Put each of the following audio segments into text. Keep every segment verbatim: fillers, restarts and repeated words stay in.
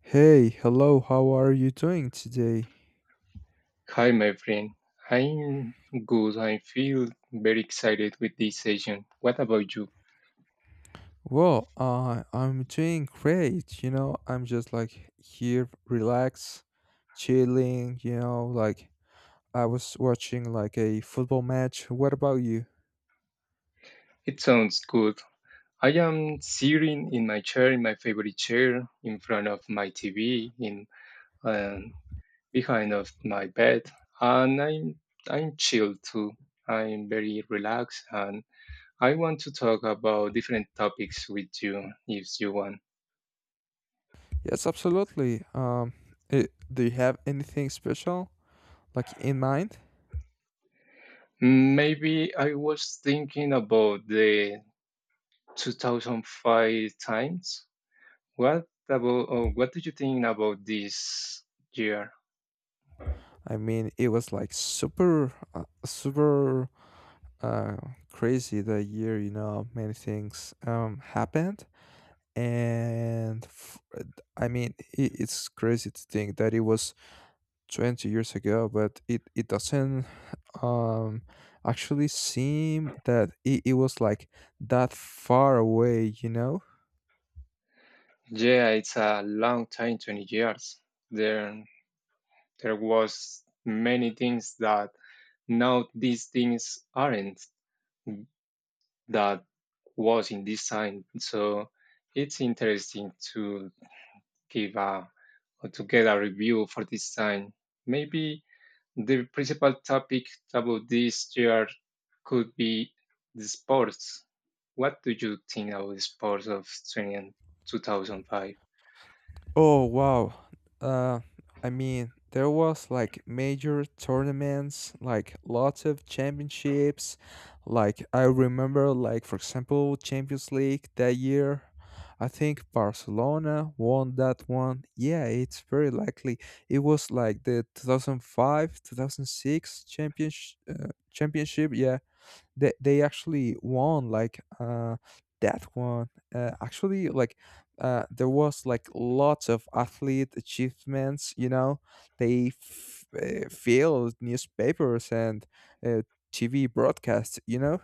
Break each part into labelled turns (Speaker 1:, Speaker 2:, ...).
Speaker 1: Hey, hello, how are you doing today?
Speaker 2: Hi, my friend. I'm good. I feel very excited with this session. What about you?
Speaker 1: Well, uh, I'm doing great. You know, I'm just like here, relax, chilling. You know, like I was watching like a football match. What about you?
Speaker 2: It sounds good. I am sitting in my chair, in my favorite chair, in front of my T V, in um, behind of my bed, and I'm I'm chilled too. I'm very relaxed, and I want to talk about different topics with you if you want.
Speaker 1: Yes, absolutely. Um, it, do you have anything special like in mind?
Speaker 2: Maybe I was thinking about the two thousand five times. What about, oh, what do you think about this year?
Speaker 1: I mean, it was like super, uh, super uh, crazy that year. You know, many things um happened. and f- I mean i- it's crazy to think that it was twenty years ago, but it it doesn't um actually seem that it, it was like that far away, you know?
Speaker 2: Yeah, it's a long time, twenty years. There there was many things that now these things aren't that was in this time. So it's interesting to give a or to get a review for this time. Maybe the principal topic about this year could be the sports. What do you think about the sports of twenty-two thousand five?
Speaker 1: Oh wow. Uh I mean there was like major tournaments, like lots of championships. Like I remember like for example Champions League that year. I think Barcelona won that one. Yeah, it's very likely. It was like the two thousand five, two thousand six champions uh, championship. Yeah, they they actually won like uh that one, uh, actually, like uh there was like lots of athlete achievements, you know. They f- uh, filled newspapers and uh, TV broadcasts, you know.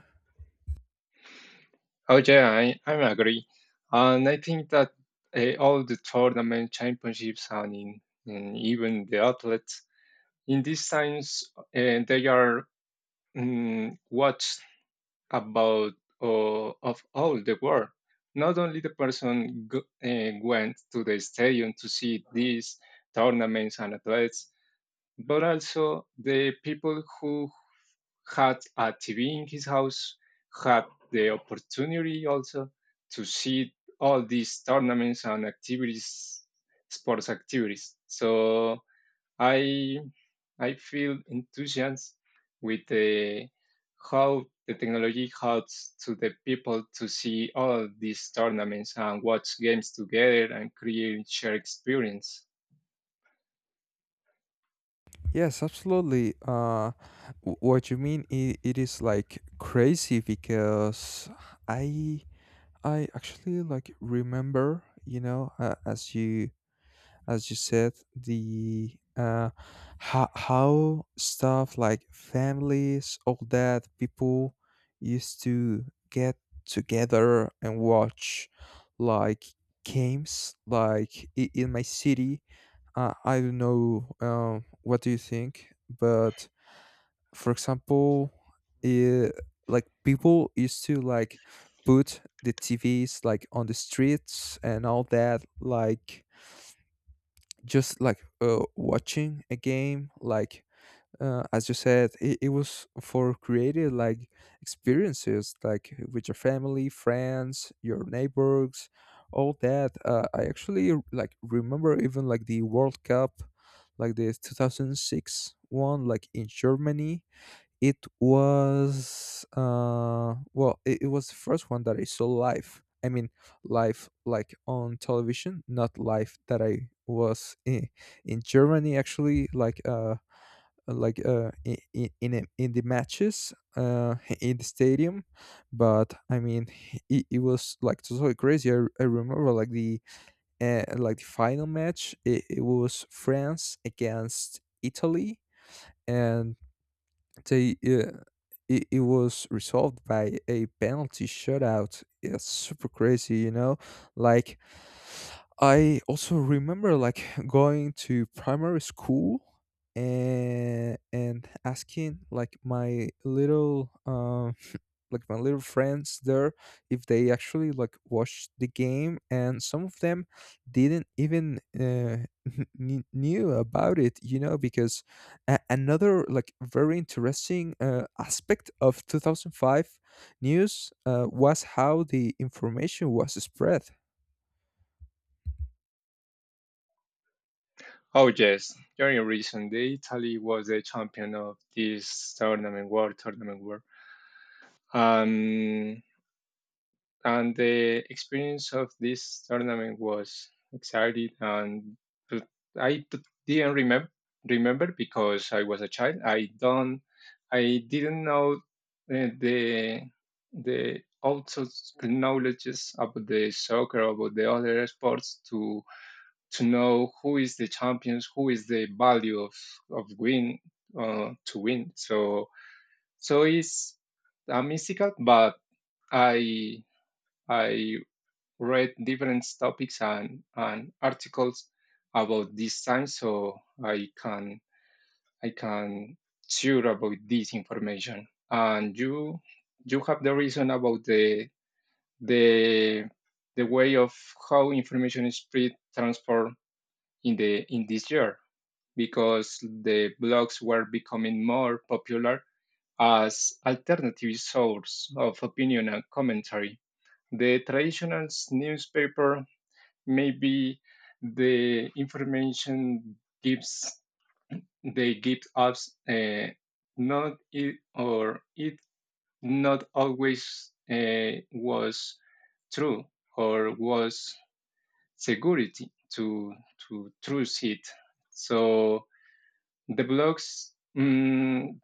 Speaker 2: And two thousand five? Oh, yeah, I, I agree. And I think that uh, all the tournament championships and, in, and even the athletes in these times, uh, they are mm, watched about uh, of all the world. Not only the person go, uh, went to the stadium to see these tournaments and athletes, but also the people who had a T V in his house had the opportunity also to see all these tournaments and activities, sports activities. So I I feel enthusiasm with the how the technology helps to the people to see all these tournaments and watch games together and create shared experience.
Speaker 1: Yes, absolutely. Uh w- what you mean, it, it is like crazy because i i actually like remember, you know, uh, as you, as you said, the uh how, how stuff like families all that people used to get together and watch like games, like i- in my city. uh, I don't know, um, what do you think? But for example, uh like people used to like put the TVs like on the streets and all that, like just like, uh, watching a game, like, uh, as you said, it, it was for creative like experiences, like with your family, friends, your neighbors, all that. uh, I actually like remember even like the World Cup, like the two thousand six one, like in Germany. It was uh well, it, it was the first one that I saw live. I mean, live like on television, not live that I was in, in Germany actually, like uh like uh in in in, a- in the matches uh in the stadium. But I mean, it, it was like totally crazy. I, I remember like the, uh, like the final match, it, it was France against Italy. And they uh, it, it was resolved by a penalty shootout. It's super crazy, you know. Like, I also remember like going to primary school and and asking like my little, um like my little friends there, if they actually like watched the game, and some of them didn't even, uh, kn- knew about it, you know, because a- another like very interesting uh, aspect of two thousand five news, uh, was how the information was spread.
Speaker 2: Oh yes, during recent day, Italy was the champion of this tournament, world tournament, world. Um, and the experience of this tournament was exciting, and but I d- didn't remember remember because I was a child, i don't I didn't know uh, the the also knowledges about the soccer, about the other sports, to to know who is the champions, who is the value of of win uh, to win. So so it's a mystical, but i I read different topics and, and articles about this time. So I can I can sure about this information. And you you have the reason about the the the way of how information is spread transformed in the in this year because the blogs were becoming more popular as alternative source of opinion and commentary. The traditional newspaper, maybe the information gives, they give us, uh, not it or it not always uh, was true or was security to to truth it. So the blogs, mm,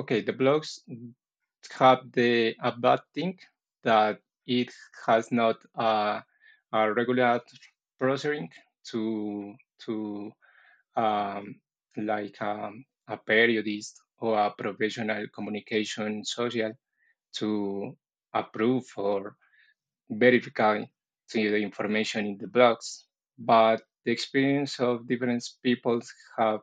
Speaker 2: okay, the blogs have the a bad thing that it has not a, a regular processing to to um, like um, a periodist or a professional communication social to approve or verify to the information in the blogs. But the experience of different people have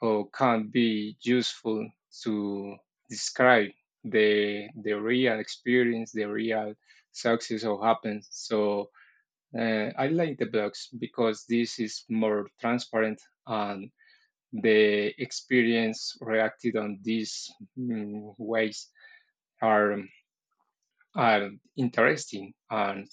Speaker 2: or can be useful to describe the the real experience, the real success or happens. So uh, I like the blogs because this is more transparent and the experience reacted on these mm, ways are, are interesting, and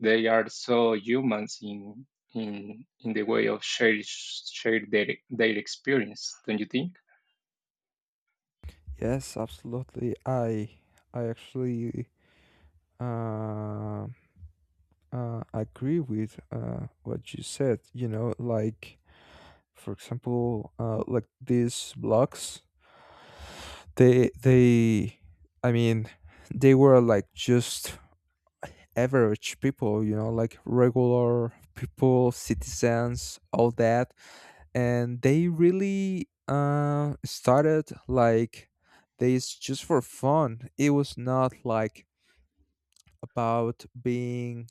Speaker 2: they are so humans in in in the way of share share their their experience, don't you think?
Speaker 1: Yes, absolutely. I I actually uh, uh, agree with, uh, what you said. You know, like for example, uh, like these blocks, they they, I mean, they were like just average people. You know, like regular people, citizens, all that, and they really uh started like this just for fun. It was not like about being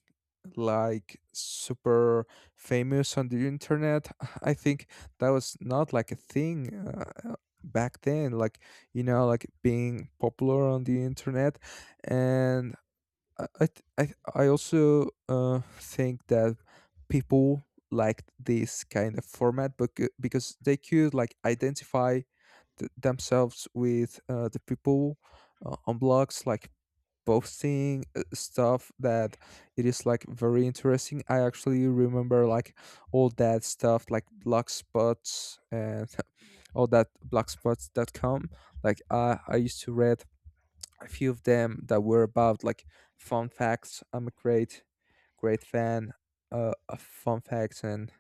Speaker 1: like super famous on the internet. I think that was not like a thing uh, back then, like, you know, like being popular on the internet. And i i, th- I th- I also uh, think that people liked this kind of format becau- because they could like identify th- themselves with, uh, the people uh, on blogs, like posting uh, stuff that it is like very interesting. I actually remember like all that stuff like blog spots and all that blogspots dot com. Like I I used to read a few of them that were about like fun facts. I'm a great, great fan uh, of fun facts and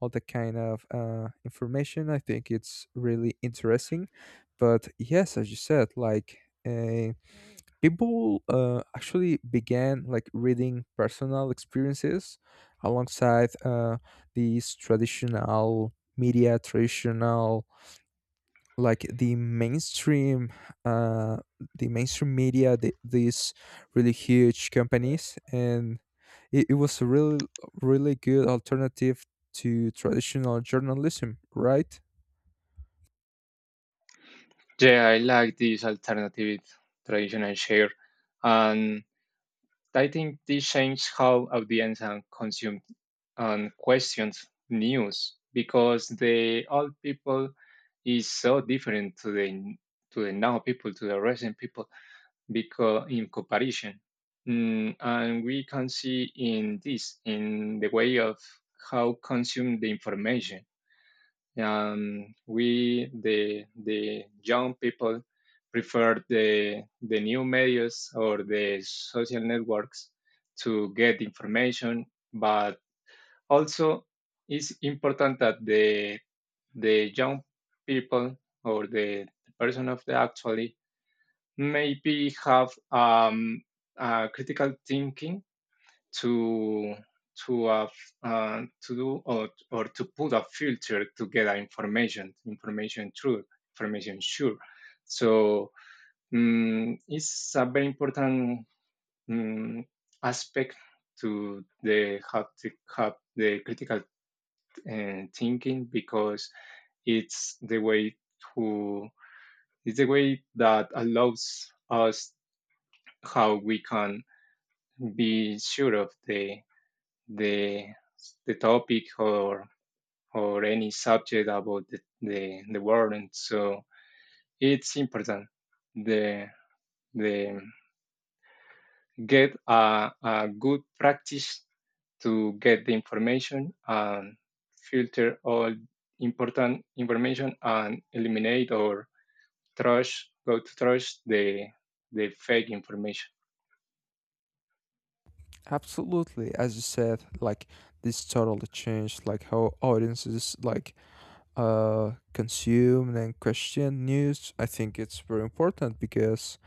Speaker 1: all that kind of uh, information. I think it's really interesting. But yes, as you said, like, uh, people uh, actually began like reading personal experiences alongside, uh, these traditional media, traditional, like the mainstream, uh, the mainstream media, the, these really huge companies. And it, it was a really, really good alternative to traditional journalism, right?
Speaker 2: Yeah, I like this alternative traditional share, and I think this changed how audience and consumed and questioned news because the old people is so different to the to the now people, to the recent people, because in comparison. Mm, and we can see in this in the way of how consume the information, um, we the the young people prefer the the new medias or the social networks to get information, but also it's important that the the young people or the person of the actually maybe have um, uh, critical thinking to to uh, f- uh, to do or, or to put a filter to get a information information true, information sure. So mm it's a very important mm aspect, to the how to have the critical uh, thinking because it's the way to it's the way that allows us how we can be sure of the the the topic or or any subject about the the, the warrant. So it's important the the get a, a good practice to get the information and filter all important information and eliminate or trash, go to trash the the fake information.
Speaker 1: Absolutely. As you said, like, this totally changed like how audiences, like, uh, consume and question news. I think it's very important because,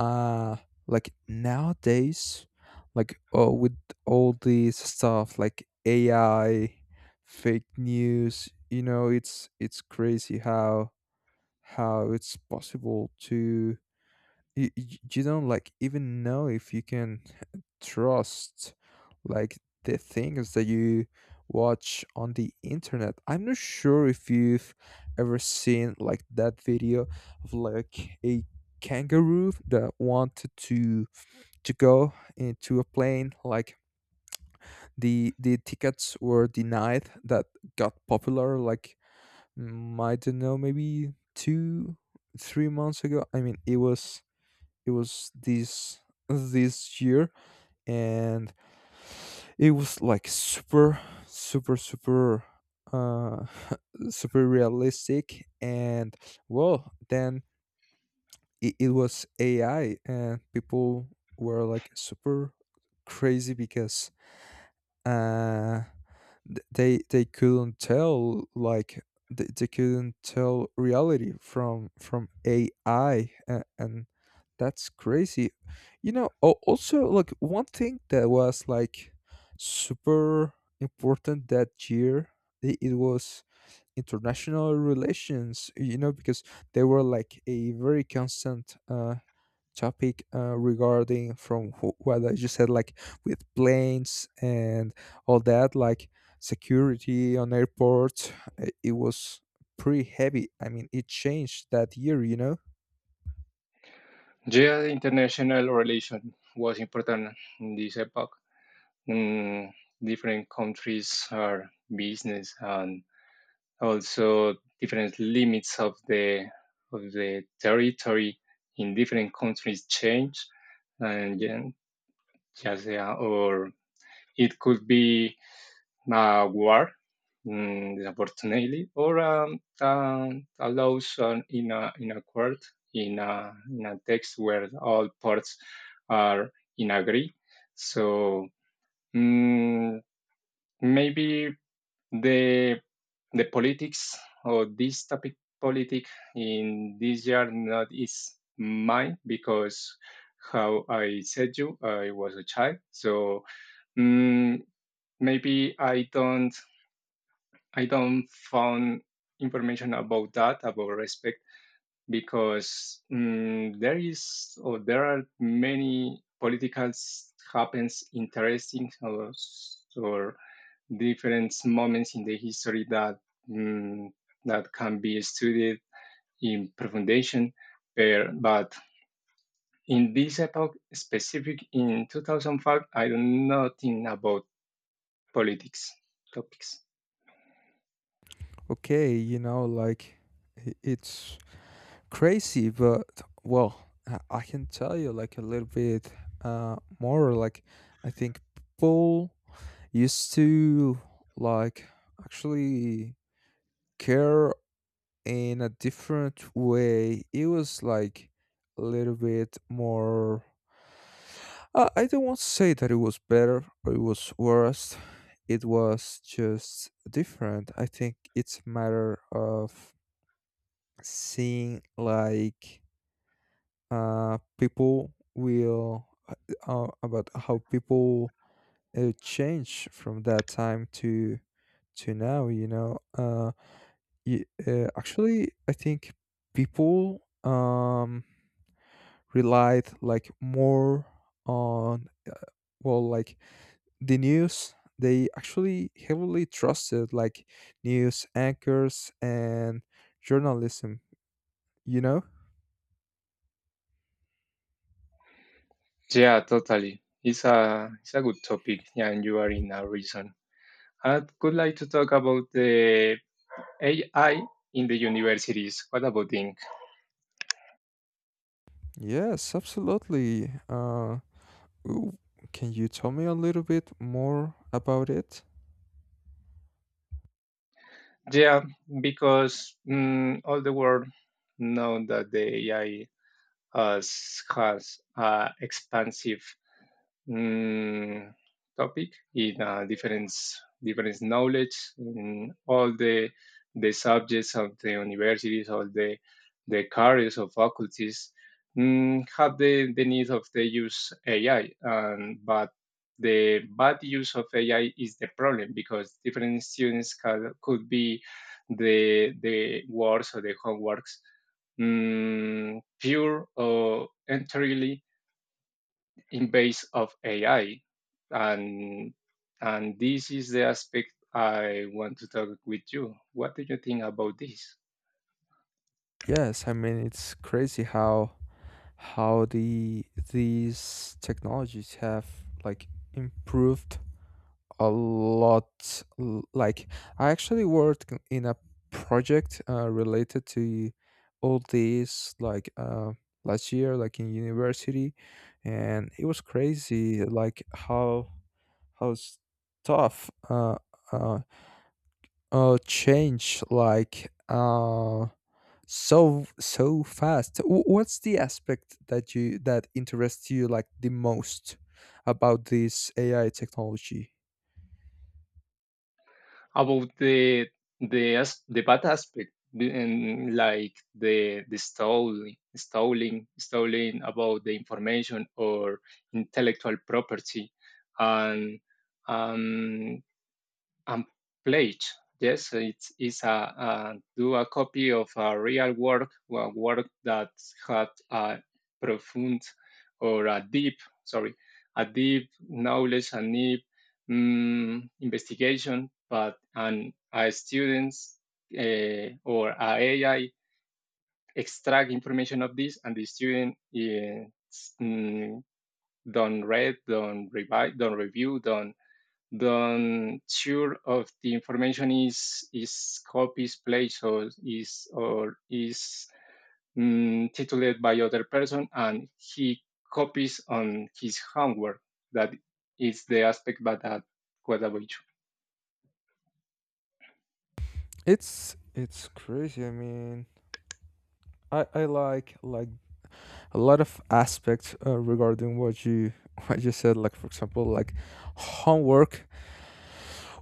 Speaker 1: uh, like nowadays, like, oh, with all these stuff like A I, fake news, you know, it's it's crazy how how it's possible to, you, you don't like even know if you can trust, like, the things that you watch on the internet. I'm not sure if you've ever seen like that video of like a kangaroo that wanted to to go into a plane, like the the tickets were denied, that got popular like, mm, I don't know, maybe two three months ago. I mean, it was, it was this, this year. And it was like super, super, super, uh super realistic. And well, then it, it was AI, and people were like super crazy because, uh th- they they couldn't tell like, they, they couldn't tell reality from from A I. And, and that's crazy. You know, al- also, like one thing that was like super important that year, i- it was international relations, you know, because they were like a very constant uh topic, uh, regarding from wh- what I just said, like with planes and all that, like security on airports. i- It was pretty heavy. I mean, it changed that year, you know?
Speaker 2: Yeah, international relation was important in this epoch. Mm, Different countries are business, and also different limits of the of the territory in different countries change and then- yes, yeah, or it could be a war, mm, unfortunately, or um, um, a laws on- in a in a court, in a in a text where all parts are in agree. So mm, maybe the the politics or this topic, politic, in this year not is mine because how I said you, I was a child. So mm, maybe I don't I don't found information about that, about respect, because mm, there is or there are many political s- happens interesting or, s- or different moments in the history that mm, that can be studied in profundation. Per- but in this epoch specific in two thousand five I don't know nothing about politics topics.
Speaker 1: Okay, you know, like, i- it's crazy, but, well, I I can tell you like a little bit, uh, more. Like, I think people used to like actually care in a different way. It was like a little bit more. I I don't want to say that it was better or it was worse. It was just different. I think it's a matter of seeing, like, uh, people will uh, uh, about how people uh, change from that time to to now. You know, uh, y- uh, actually, I think people, um relied like more on, uh, well, like the news. They actually heavily trusted like news anchors and journalism, you know.
Speaker 2: Yeah, totally, it's a it's a good topic, yeah, and you are in a reason. I would like to talk about the A I in the universities. What about Inc?
Speaker 1: Yes, absolutely. uh ooh, can you tell me a little bit more about it?
Speaker 2: Yeah, because mm, all the world know that the A I has, has uh, expansive mm, topic in uh, different different knowledge in all the the subjects of the universities, all the the careers of faculties mm, have the, the need of the use A I, um, but the bad use of A I is the problem because different students can, could be the the works or the homeworks mm, pure or entirely in base of A I, and and this is the aspect I want to talk with you. What do you think about this?
Speaker 1: Yes, I mean, it's crazy how how the, these technologies have like improved a lot. l- Like I actually worked c- in a project, uh, related to all this, like, uh, last year, like in university, and it was crazy, like how how s- tough, uh, uh, uh change like uh so so fast. Wh- What's the aspect that you, that interests you like the most about this A I technology?
Speaker 2: About the the as- the bad aspect the- and like the the stealing stealing stealing about the information or intellectual property, and um and plate, yes, it's, it's a, uh do a copy of a real work, a work that had a profound or a deep, sorry, a deep knowledge and deep mm investigation, but, and a students uh, or a AI extract information of this, and the student is, mm, don't read, don't revise, don't review, don't the um, sure of the information is is copies placed or is or is mm, titulated by other person, and he copies on his homework. That is the aspect, but that Guadalupe.
Speaker 1: It's it's crazy. I mean, I, I like like a lot of aspects, uh, regarding what you what you said. Like for example, like homework.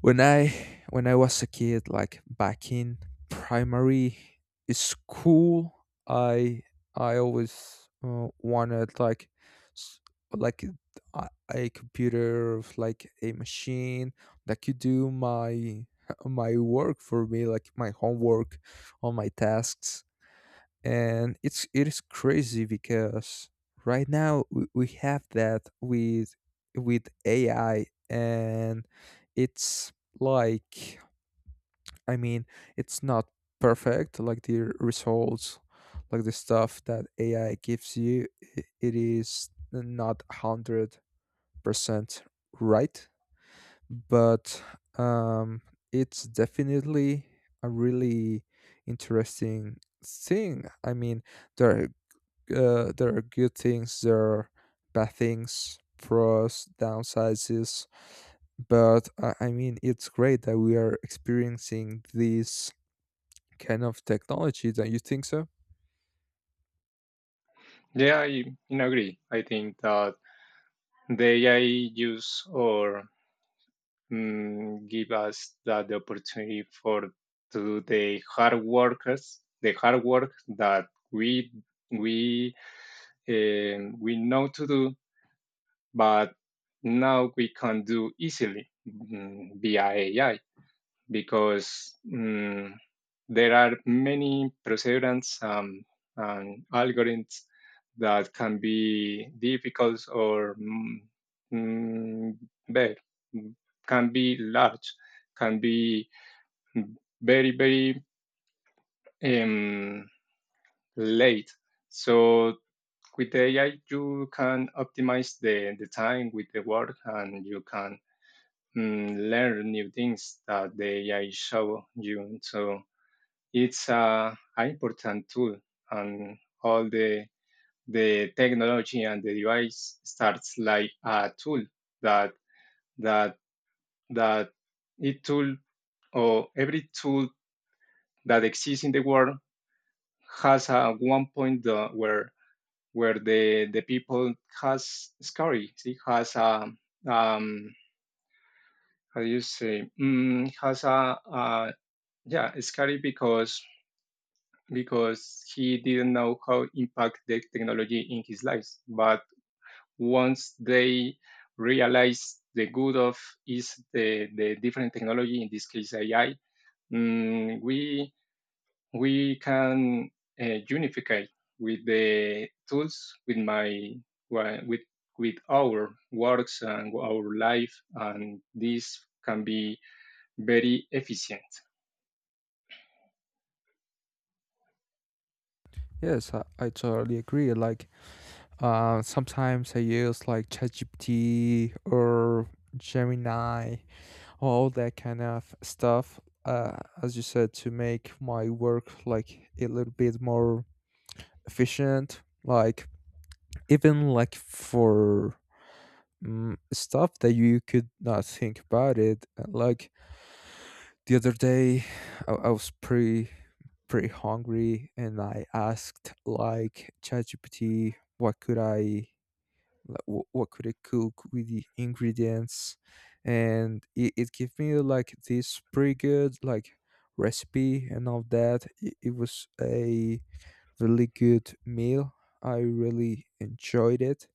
Speaker 1: when i when I was a kid like back in primary school, I I always uh, wanted like, s- like a, a computer of like a machine that could do my my work for me, like my homework, all my tasks. And it's, it is crazy because right now we, we have that with with A I. And it's like, I mean, it's not perfect, like the results, like the stuff that A I gives you, i- it is not one hundred percent right. But, um it's definitely a really interesting thing. I mean, there, uh, there are good things, there are bad things, pros, downsides. But, I, I mean, it's great that we are experiencing this kind of technology. Don't you think so?
Speaker 2: Yeah, I, I agree. I think that the ai use or mm, give us that the opportunity for to the hard workers, the hard work that we we um, we know to do, but now we can do easily, mm, via A I because mm, there are many procedures, um, and algorithms that can be difficult or mm, mm, bad, can be large, can be very, very um, late. So with the A I, you can optimize the, the time with the work, and you can mm, learn new things that the A I show you. So it's a, a important tool, and all the, the technology and the device starts like a tool that, that, that it tool or every tool that exists in the world has a one point uh, where where the the people has scary see, has a um how do you say mm, has a uh, yeah, scary because because he didn't know how impact the technology in his life, but once they realize the good of is the, the different technology, in this case ai, mm, we we can uh, unify with the tools with my with with our works and our life, and this can be very efficient.
Speaker 1: Yes, I, I totally agree. Like, Uh, sometimes I use like ChatGPT or Gemini, all that kind of stuff. Uh, as you said, to make my work like a little bit more efficient. Like, even like for, mm, stuff that you could not think about it. uh, Like, the other day, I, I was pretty, pretty hungry, and I asked like ChatGPT, what could I, like, what, what could I cook with the ingredients, and it, it gave me like this pretty good like recipe and all that. It, it was a really good meal. I really enjoyed it.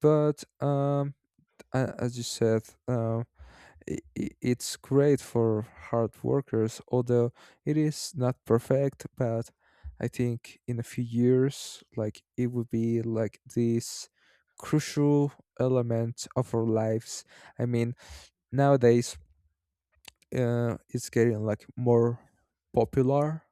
Speaker 1: But, um, a- as you said, um, i- i- it's great for hard workers, although it is not perfect. But I think in a few years, like it would be like this crucial element of our lives. I mean, nowadays, uh, it's getting like more popular,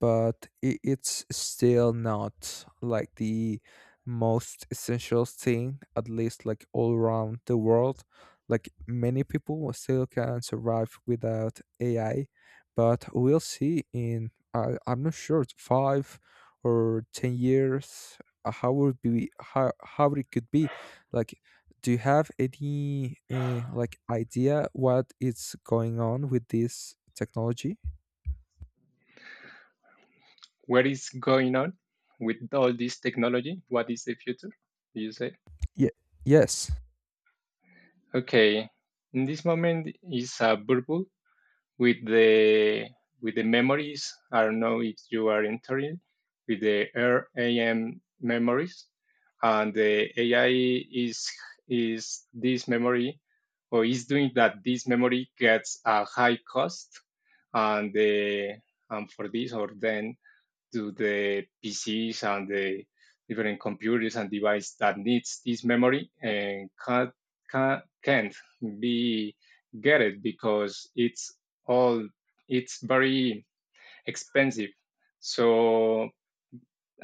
Speaker 1: but I it's still not like the most essential thing, at least like all around the world. Like many people still can survive without A I, but we'll see in, I I'm not sure, five or ten years, uh, how would be, how how it could be. Like, do you have any, uh, like idea what is going on with this technology?
Speaker 2: What is going on with all this technology? What is the future, do you say?
Speaker 1: Yeah. Yes.
Speaker 2: Okay, in this moment is a bubble with the with the memories. I don't know if you are entering with the RAM memories, and the A I is is this memory or is doing that. This memory gets a high cost, and the and for this or then to the P Cs and the different computers and devices that needs this memory and can't, can't, can't be get it because it's all it's very expensive. So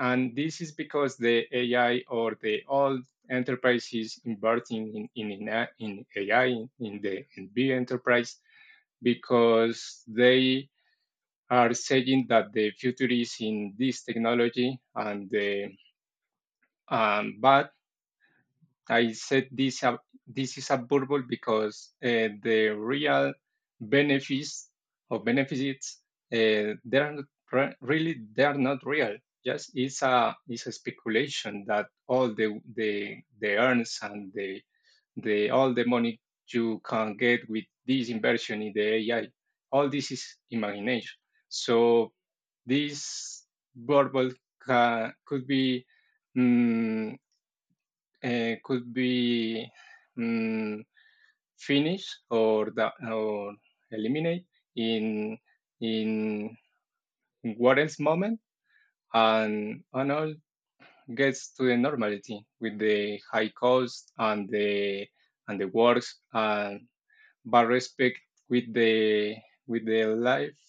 Speaker 2: and this is because the ai or the all enterprises inverting in in, in A I, in A I, in the in big enterprise because they are saying that the future is in this technology and the um, but I said this, uh, this is a bubble because uh, the real benefits or benefits, uh, they are not re- really, they are not real. Just it's a it's a speculation that all the the the earns and the the all the money you can get with this inversion in the A I, all this is imagination. So this verbal ca- could be mm, eh, could be mm, finish or da- or eliminate in in Warren's moment, and and all gets to the normality with the high cost and the and the works and, but respect with the with the life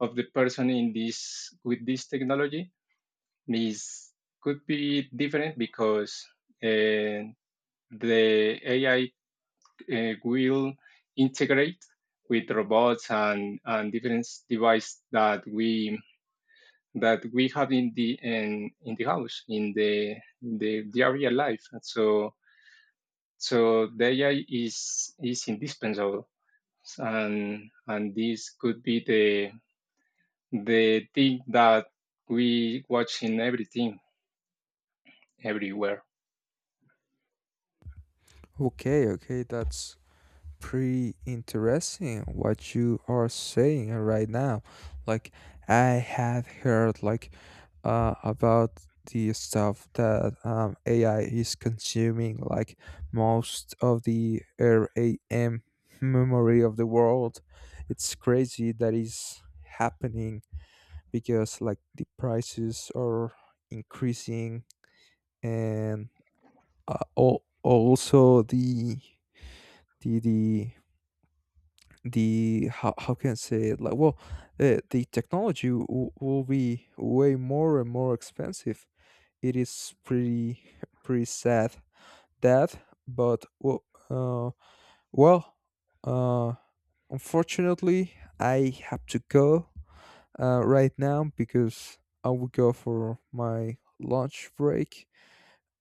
Speaker 2: of the person in this with this technology. This could be different because uh, the A I uh, will integrate with robots and, and different devices that we that we have in the in, in the house in the in the, the life. And so so the A I is is indispensable, and and this could be the the thing that we watch in everything everywhere.
Speaker 1: Okay, okay, that's pretty interesting what you are saying right now. Like, I have heard like, uh about the stuff that, um A I is consuming like most of the RAM memory of the world. It's crazy that is happening because like the prices are increasing, and uh, al- also the the the the how, how can I say it, like, well, uh, the technology w- will be way more and more expensive. It is pretty pretty sad that. But well, uh, well uh, unfortunately, I have to go uh, right now because I will go for my lunch break,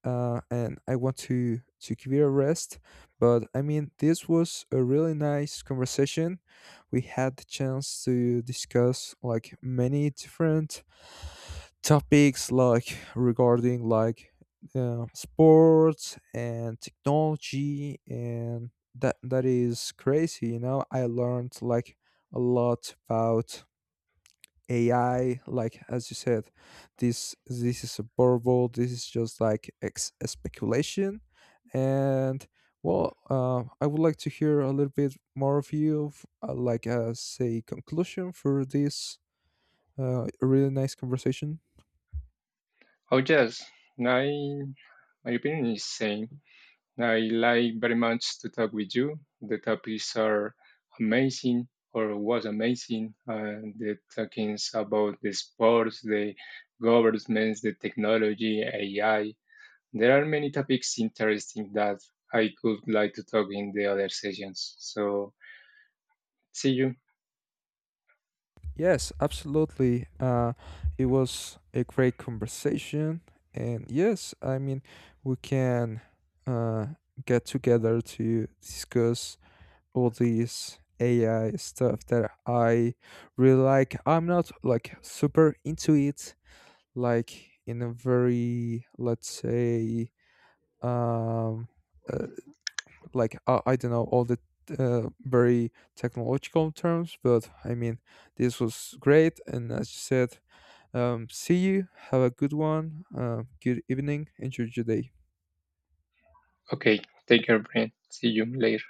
Speaker 1: uh, and I want to to give it a rest. But I mean, this was a really nice conversation. We had the chance to discuss like many different topics, like regarding like, uh, sports and technology, and that, that is crazy. You know, I learned like a lot about A I, like, as you said, this this is a verbal. This is just like ex- speculation, and, well, uh, I would like to hear a little bit more of you, f- uh, like, as a conclusion for this, uh, really nice conversation.
Speaker 2: Oh yes, my my opinion is same. I like very much to talk with you. The topics are amazing or was amazing. And the talkings about the sports, the governments, the technology, A I. There are many topics interesting that I could like to talk in the other sessions. So see you.
Speaker 1: Yes, absolutely. Uh, it was a great conversation. And yes, I mean, we can, uh, get together to discuss all these A I stuff that I really like. I'm not like super into it, like in a very, let's say, um, uh, like uh, I don't know all the, uh, very technological terms, but I mean, this was great. And as you said, um, see you. Have a good one. Uh, good evening. Enjoy your day.
Speaker 2: Okay, take care, friend. See you later.